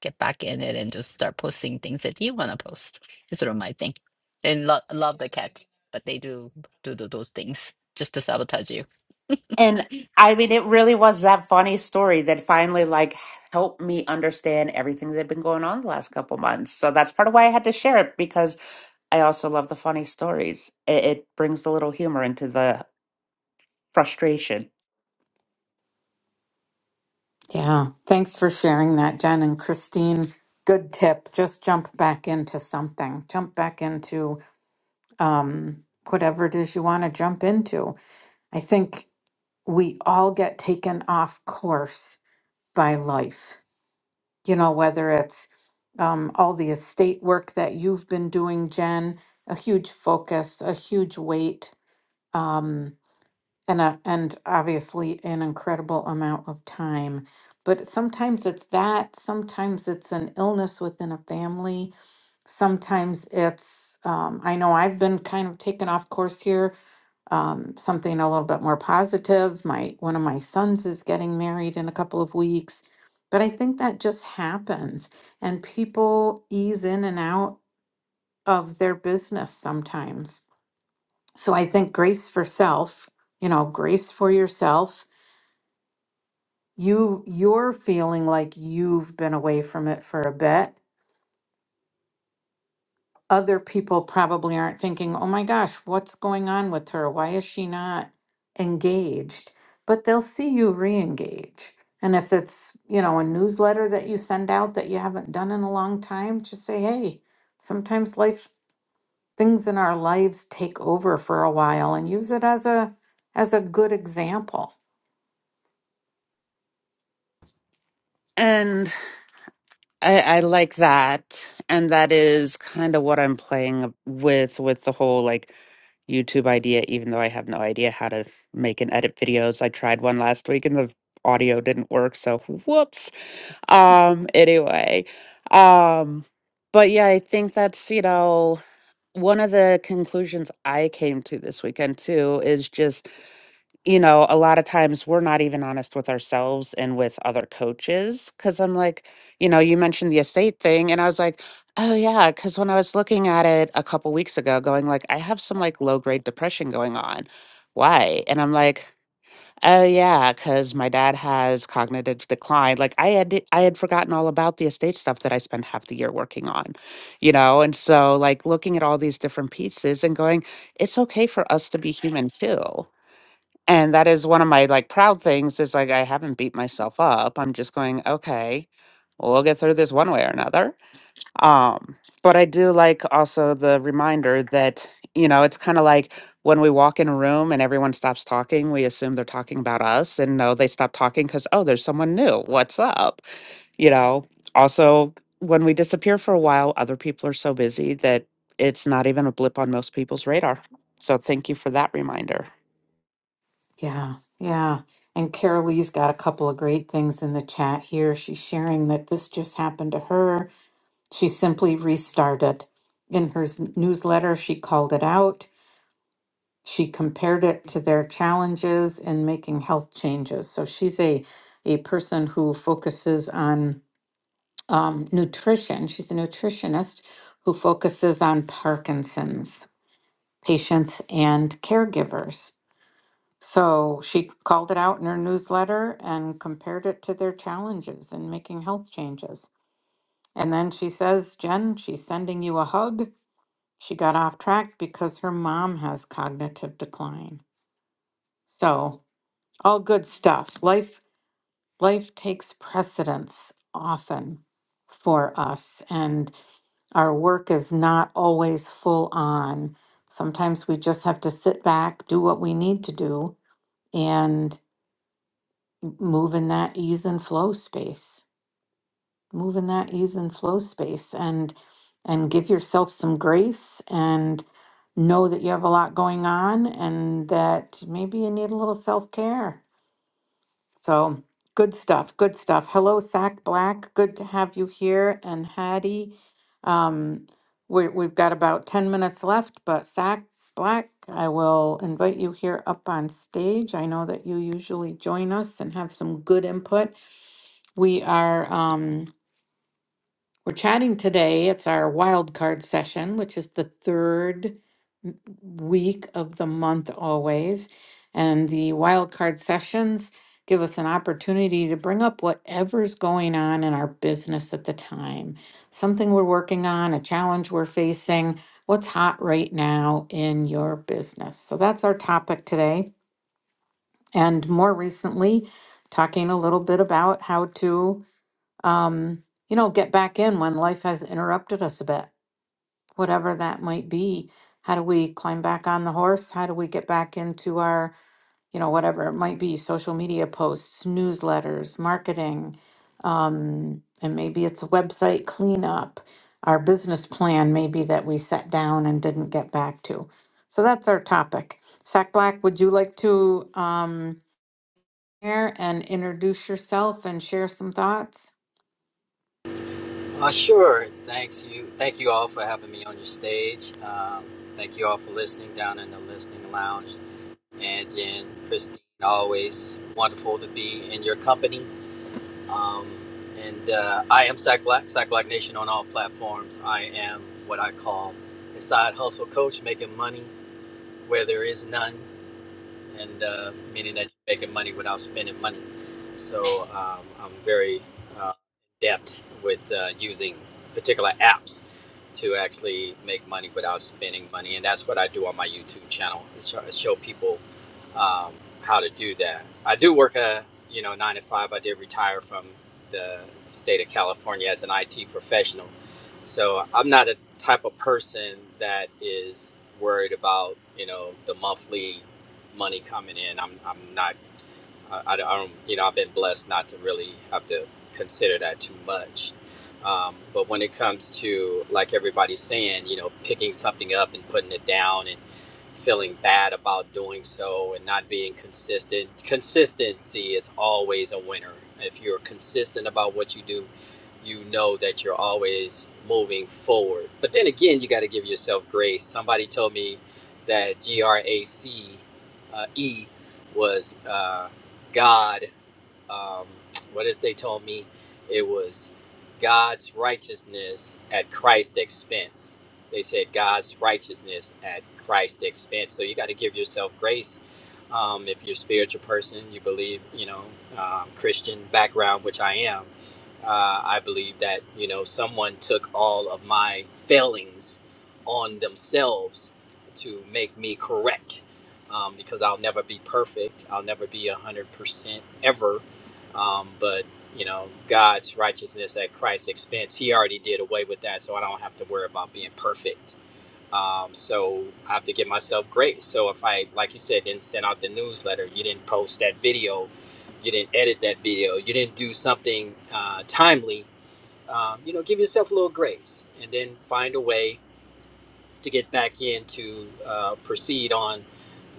[SPEAKER 3] get back in it and just start posting things that you want to post. It's sort of my thing. And lo- love the cat, but they do, do do those things just to sabotage you.
[SPEAKER 2] And I mean, it really was that funny story that finally like helped me understand everything that had been going on the last couple months. So that's part of why I had to share it because I also love the funny stories. It, it brings a little humor into the frustration.
[SPEAKER 1] Yeah. Thanks for sharing that, Jen and Christine. Good tip. Just jump back into something. Jump back into um, whatever it is you want to jump into. I think we all get taken off course by life you know, whether it's um, all the estate work that you've been doing, Jen, a huge focus, a huge weight, um, and a, and obviously an incredible amount of time. But sometimes it's that. Sometimes it's an illness within a family. Sometimes it's um, I know I've been kind of taken off course here um, something a little bit more positive. My one of my sons is getting married in a couple of weeks, but I think that just happens, and people ease in and out of their business sometimes. So I think grace for self, you know, grace for yourself. You you're feeling like you've been away from it for a bit other people probably aren't thinking, oh my gosh, what's going on with her? Why is she not engaged? But they'll see you re engage. And if it's, you know, a newsletter that you send out that you haven't done in a long time, just say, hey, sometimes life things in our lives take over for a while and use it as a as a good example.
[SPEAKER 2] And I, I like that. And that is kind of what I'm playing with with the whole like YouTube idea, even though I have no idea how to make and edit videos. I tried one last week and the audio didn't work. So whoops. um anyway um but yeah i think that's you know one of the conclusions i came to this weekend too is just you know a lot of times we're not even honest with ourselves and with other coaches because i'm like you know you mentioned the estate thing and i was like oh yeah because when i was looking at it a couple weeks ago going like i have some like low grade depression going on why and i'm like Oh yeah, because my dad has cognitive decline. Like I had I had forgotten all about the estate stuff that I spent half the year working on, you know? And so like looking at all these different pieces and going, it's okay for us to be human too. And that is one of my like proud things is like I haven't beat myself up. I'm just going, okay, we'll get through this one way or another. Um, but I do like also the reminder that, you know, it's kind of like when we walk in a room and everyone stops talking, we assume they're talking about us. And no, they stop talking because, oh, there's someone new. What's up? You know, also, when we disappear for a while, other people are so busy that it's not even a blip on most people's radar. So thank you for that reminder.
[SPEAKER 1] Yeah. Yeah. And Carolee's got a couple of great things in the chat here. She's sharing that this just happened to her She simply restarted. In her s- newsletter, she called it out. She compared it to their challenges in making health changes. So she's a, a person who focuses on um, nutrition. She's a nutritionist who focuses on Parkinson's patients and caregivers. So she called it out in her newsletter and compared it to their challenges in making health changes. And then she says, Jen, she's sending you a hug She got off track because her mom has cognitive decline. So, all good stuff. Life life takes precedence often for us and our work is not always full on. Sometimes we just have to sit back, do what we need to do and move in that ease and flow space. move in that ease and flow space and and give yourself some grace and know that you have a lot going on and that maybe you need a little self-care so good stuff good stuff hello sack black good to have you here and hattie um, we, we've got about 10 minutes left but sack black i will invite you here up on stage i know that you usually join us and have some good input we are um, we're chatting today. It's our wild card session, which is the third week of the month always. And the wild card sessions give us an opportunity to bring up whatever's going on in our business at the time. Something we're working on, a challenge we're facing, what's hot right now in your business. So that's our topic today. And more recently, talking a little bit about how to um, you know, get back in when life has interrupted us a bit whatever that might be. How do we climb back on the horse? How do we get back into our, you know, whatever it might be, social media posts, newsletters, marketing, um, and maybe it's a website cleanup, our business plan maybe that we set down and didn't get back to. So that's our topic. Sack Black, would you like to um, share and introduce yourself and share some thoughts?
[SPEAKER 4] Uh, sure. Thanks you. Thank you all for having me on your stage. Um, thank you all for listening down in the listening lounge. And Jen, Christine, always wonderful to be in your company. Um, and uh, I am Sack Black, Sack Black Nation on all platforms. I am what I call a side hustle coach, making money where there is none and uh, meaning that you're making money without spending money. So um, I'm very uh, adept with uh, using particular apps to actually make money without spending money, and that's what I do on my YouTube channel is try to show people um, how to do that. I do work a you know nine to five. I did retire from the state of California as an IT professional, so I'm not a type of person that is worried about you know the monthly money coming in. I'm I'm not I, I don't you know I've been blessed not to really have to consider that too much. Um, but when it comes to like everybody's saying, you know, picking something up and putting it down and feeling bad about doing so and not being consistent. Consistency is always a winner. If you're consistent about what you do, you know that you're always moving forward. But then again, you got to give yourself grace. Somebody told me that G R A C uh, E was uh, God um, what if they told me it was God's righteousness at Christ's expense? They said God's righteousness at Christ's expense. So you got to give yourself grace um, if you're a spiritual person, you believe, you know, um, Christian background, which I am, uh, I believe that, you know, someone took all of my failings on themselves to make me correct um, because I'll never be perfect. I'll never be 100% ever. Um, but, you know, God's righteousness at Christ's expense, He already did away with that. So I don't have to worry about being perfect um, so I have to give myself grace. So if I, like you said, didn't send out the newsletter, you didn't post that video, you didn't edit that video, you didn't do something uh, timely, um, you know, give yourself a little grace and then find a way to get back in to uh, proceed on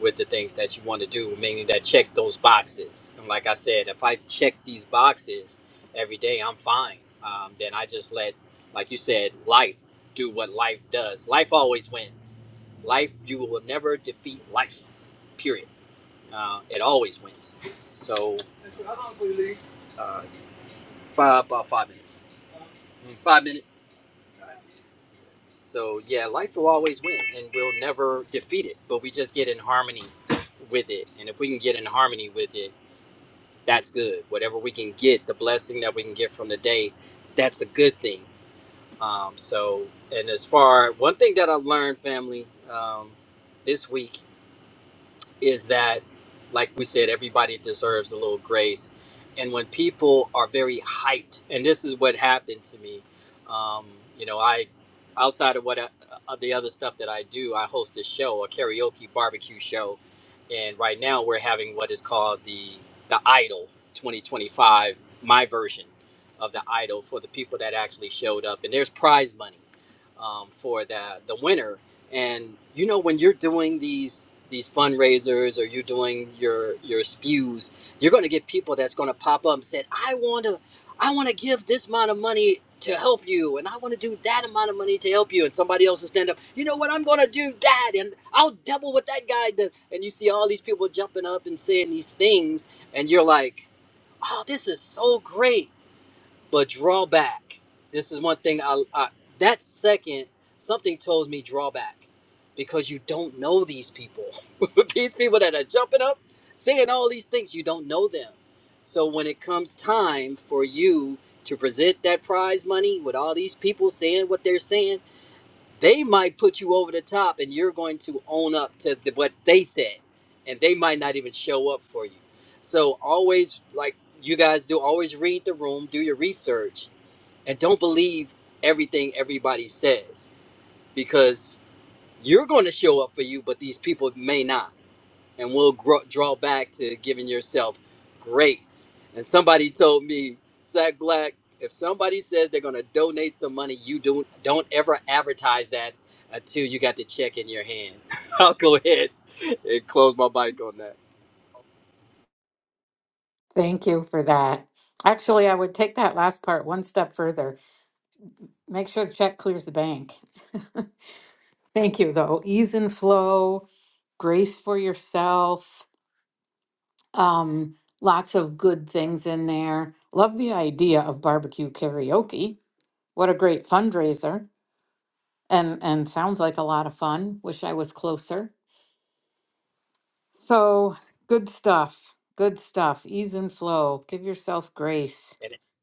[SPEAKER 4] with the things that you want to do, mainly that check those boxes. And like I said, if I check these boxes every day, I'm fine. Um, then I just let, like you said, life do what life does. Life always wins. Life, you will never defeat life, period. Uh, it always wins. So, uh, five, about five minutes. Mm, Five minutes. So yeah, life will always win, and we'll never defeat it. But we just get in harmony with it, and if we can get in harmony with it, that's good. Whatever we can get, the blessing that we can get from the day, that's a good thing. Um, so, and as far one thing that I learned, family, um, this week is that, like we said, everybody deserves a little grace. And when people are very hyped, and this is what happened to me, um, you know, I, outside of what I, of the other stuff that I do, I host a show, a karaoke barbecue show, and right now we're having what is called the the Idol 2025, my version of the Idol for the people that actually showed up, and there's prize money um, for the the winner. And you know, when you're doing these these fundraisers or you're doing your your spews, you're going to get people that's going to pop up and say, "I want to, I want to give this amount of money to help you, and I want to do that amount of money to help you." And somebody else will stand up, you know what? I'm going to do that, and I'll double what that guy does. And you see all these people jumping up and saying these things, and you're like, "Oh, this is so great." but draw back. This is one thing I, I that second something tells me draw back because you don't know these people. these people that are jumping up, saying all these things, you don't know them. So when it comes time for you to present that prize money with all these people saying what they're saying, they might put you over the top and you're going to own up to the, what they said and they might not even show up for you. So always like you guys do always read the room, do your research and don't believe everything everybody says because you're going to show up for you, but these people may not, and we'll grow, draw back to giving yourself grace. And somebody told me, Zach Black, if somebody says they're going to donate some money, you don't don't ever advertise that until you got the check in your hand. I'll go ahead and close my mic on that.
[SPEAKER 1] Thank you for that. Actually, I would take that last part one step further Make sure the check clears the bank. Thank you, though. Ease and flow, grace for yourself. Um, lots of good things in there. Love the idea of barbecue karaoke. What a great fundraiser. And and sounds like a lot of fun. Wish I was closer. So good stuff. Good stuff. Ease and flow. Give yourself grace.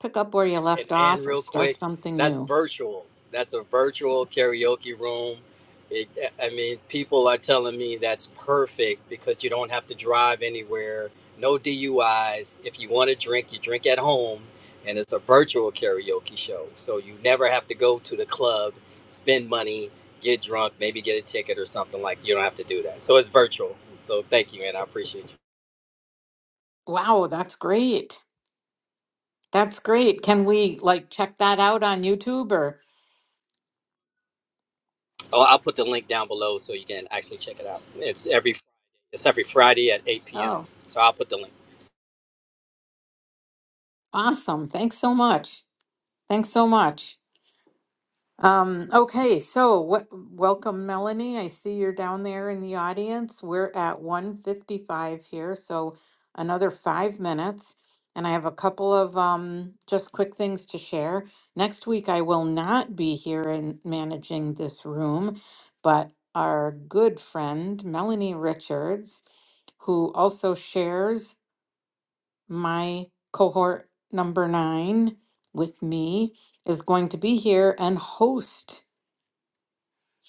[SPEAKER 1] Pick up where you
[SPEAKER 4] and
[SPEAKER 1] left
[SPEAKER 4] Ann
[SPEAKER 1] off or
[SPEAKER 4] real
[SPEAKER 1] start
[SPEAKER 4] quick.
[SPEAKER 1] something
[SPEAKER 4] That's
[SPEAKER 1] new.
[SPEAKER 4] virtual. That's a virtual karaoke room. It, I mean, people are telling me that's perfect because you don't have to drive anywhere. No DUIs. If you want to drink, you drink at home, and it's a virtual karaoke show. So you never have to go to the club, spend money, get drunk, maybe get a ticket or something like. that. You don't have to do that. So it's virtual. So thank you, and I appreciate you.
[SPEAKER 1] Wow, that's great. That's great. Can we like check that out on YouTube or?
[SPEAKER 4] Oh, I'll put the link down below so you can actually check it out. It's every it's every Friday at 8 p.m.
[SPEAKER 1] Oh,
[SPEAKER 4] So I'll put the link.
[SPEAKER 1] awesome. Thanks so much. Thanks so much. Um, okay, so what welcome Melanie. I see you're down there in the audience. We're at 155 here, so another 5 minutes and I have a couple of um just quick things to share. Next week I will not be here and managing this room, but our good friend Melanie Richards who also shares my cohort number nine with me is going to be here and host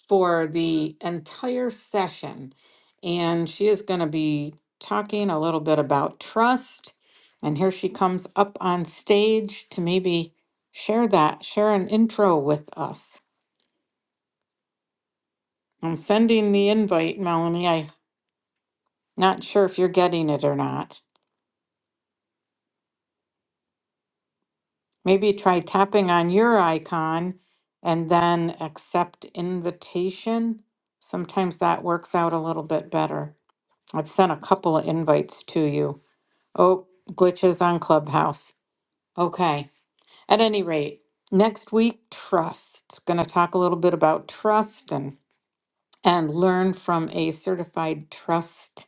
[SPEAKER 1] for the entire session. And she is going to be talking a little bit about trust. And here she comes up on stage to maybe share that, share an intro with us. I'm sending the invite, Melanie. I'm not sure if you're getting it or not. Maybe try tapping on your icon and then accept invitation. Sometimes that works out a little bit better. I've sent a couple of invites to you. Oh, glitches on Clubhouse. Okay. At any rate, next week, trust. Going to talk a little bit about trust and and learn from a certified trust.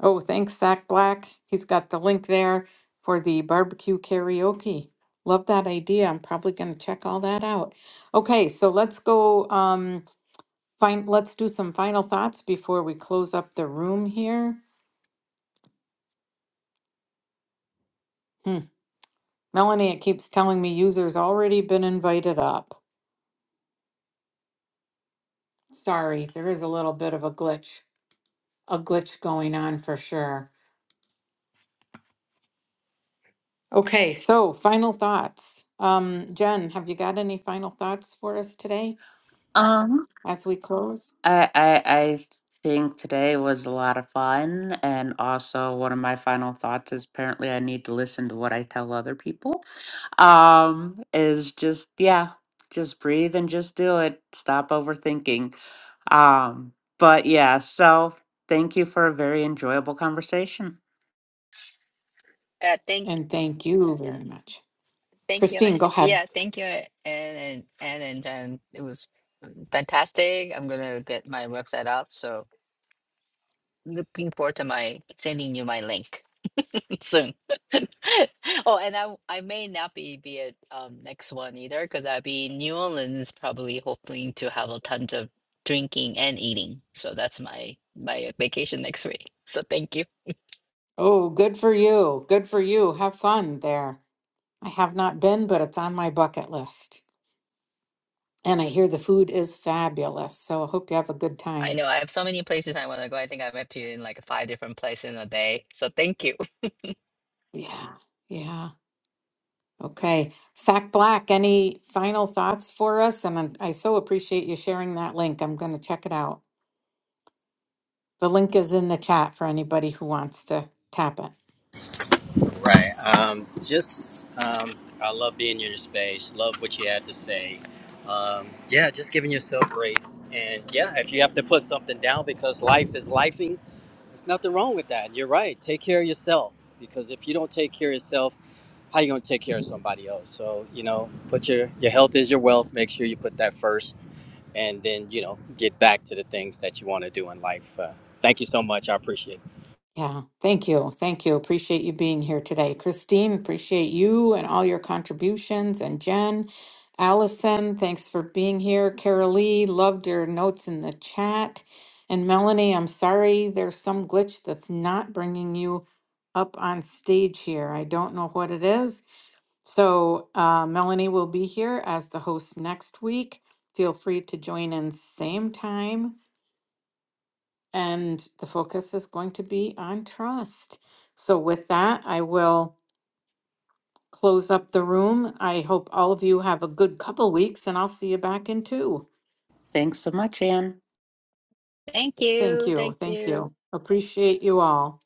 [SPEAKER 1] Oh, thanks, Zach Black. He's got the link there for the barbecue karaoke. Love that idea. I'm probably going to check all that out. Okay, so let's go. Um, find. Let's do some final thoughts before we close up the room here. Hmm. Melanie, it keeps telling me users already been invited up. Sorry, there is a little bit of a glitch, a glitch going on for sure. Okay, so final thoughts. Um, Jen, have you got any final thoughts for us today
[SPEAKER 2] Um.
[SPEAKER 1] as we close?
[SPEAKER 2] I, I I think today was a lot of fun, and also one of my final thoughts is apparently I need to listen to what I tell other people. Um, is just yeah, just breathe and just do it. Stop overthinking. Um, but yeah, so thank you for a very enjoyable conversation.
[SPEAKER 3] Uh, thank
[SPEAKER 1] And thank you very much.
[SPEAKER 3] Thank you.
[SPEAKER 1] Christine, go ahead.
[SPEAKER 3] Yeah, thank you, And and Anne and Jen. It was fantastic. I'm gonna get my website up, so looking forward to my sending you my link soon. Oh, and I I may not be be at um next one either because I'll be in New Orleans probably hoping to have a tons of drinking and eating. So that's my my vacation next week. So thank you.
[SPEAKER 1] Oh, good for you. Good for you. Have fun there. I have not been, but it's on my bucket list. And I hear the food is fabulous. So I hope you have a good
[SPEAKER 3] I
[SPEAKER 1] time.
[SPEAKER 3] know I have so many places I want to go. I think I've been to in like five different places in a day. So thank you.
[SPEAKER 1] Yeah. Yeah. Okay. Sack Black, any final thoughts for us? And I'm- I so appreciate you sharing that link. I'm going to check it out. The link is in the chat for anybody who wants to tap it.
[SPEAKER 4] Right. Um, just um, I love being in your space. Love what you had to say. Um, yeah, just giving yourself grace. And yeah, if you have to put something down because life is lifing, there's nothing wrong with that. You're right. Take care of yourself because if you don't take care of yourself, how you gonna take care of somebody else? So you know, put your your health is your wealth. Make sure you put that first and then you know get back to the things that you want to do in life. Uh, thank you so much. I appreciate it.
[SPEAKER 1] Yeah, thank you. Thank you. Appreciate you being here today. Christine, appreciate you and all your contributions. And Jen, Allison, thanks for being here. Carol Lee, loved your notes in the chat. And Melanie, I'm sorry there's some glitch that's not bringing you up on stage here. I don't know what it is. So, uh, Melanie will be here as the host next week. Feel free to join in same time and the focus is going to be on trust. So, with that, I will close up the room. I hope all of you have a good couple weeks, and I'll see you back in two.
[SPEAKER 2] Thanks so much, Anne.
[SPEAKER 3] Thank
[SPEAKER 1] Thank
[SPEAKER 3] you.
[SPEAKER 1] you.
[SPEAKER 3] Thank
[SPEAKER 1] Thank
[SPEAKER 3] you.
[SPEAKER 1] you. Appreciate you all.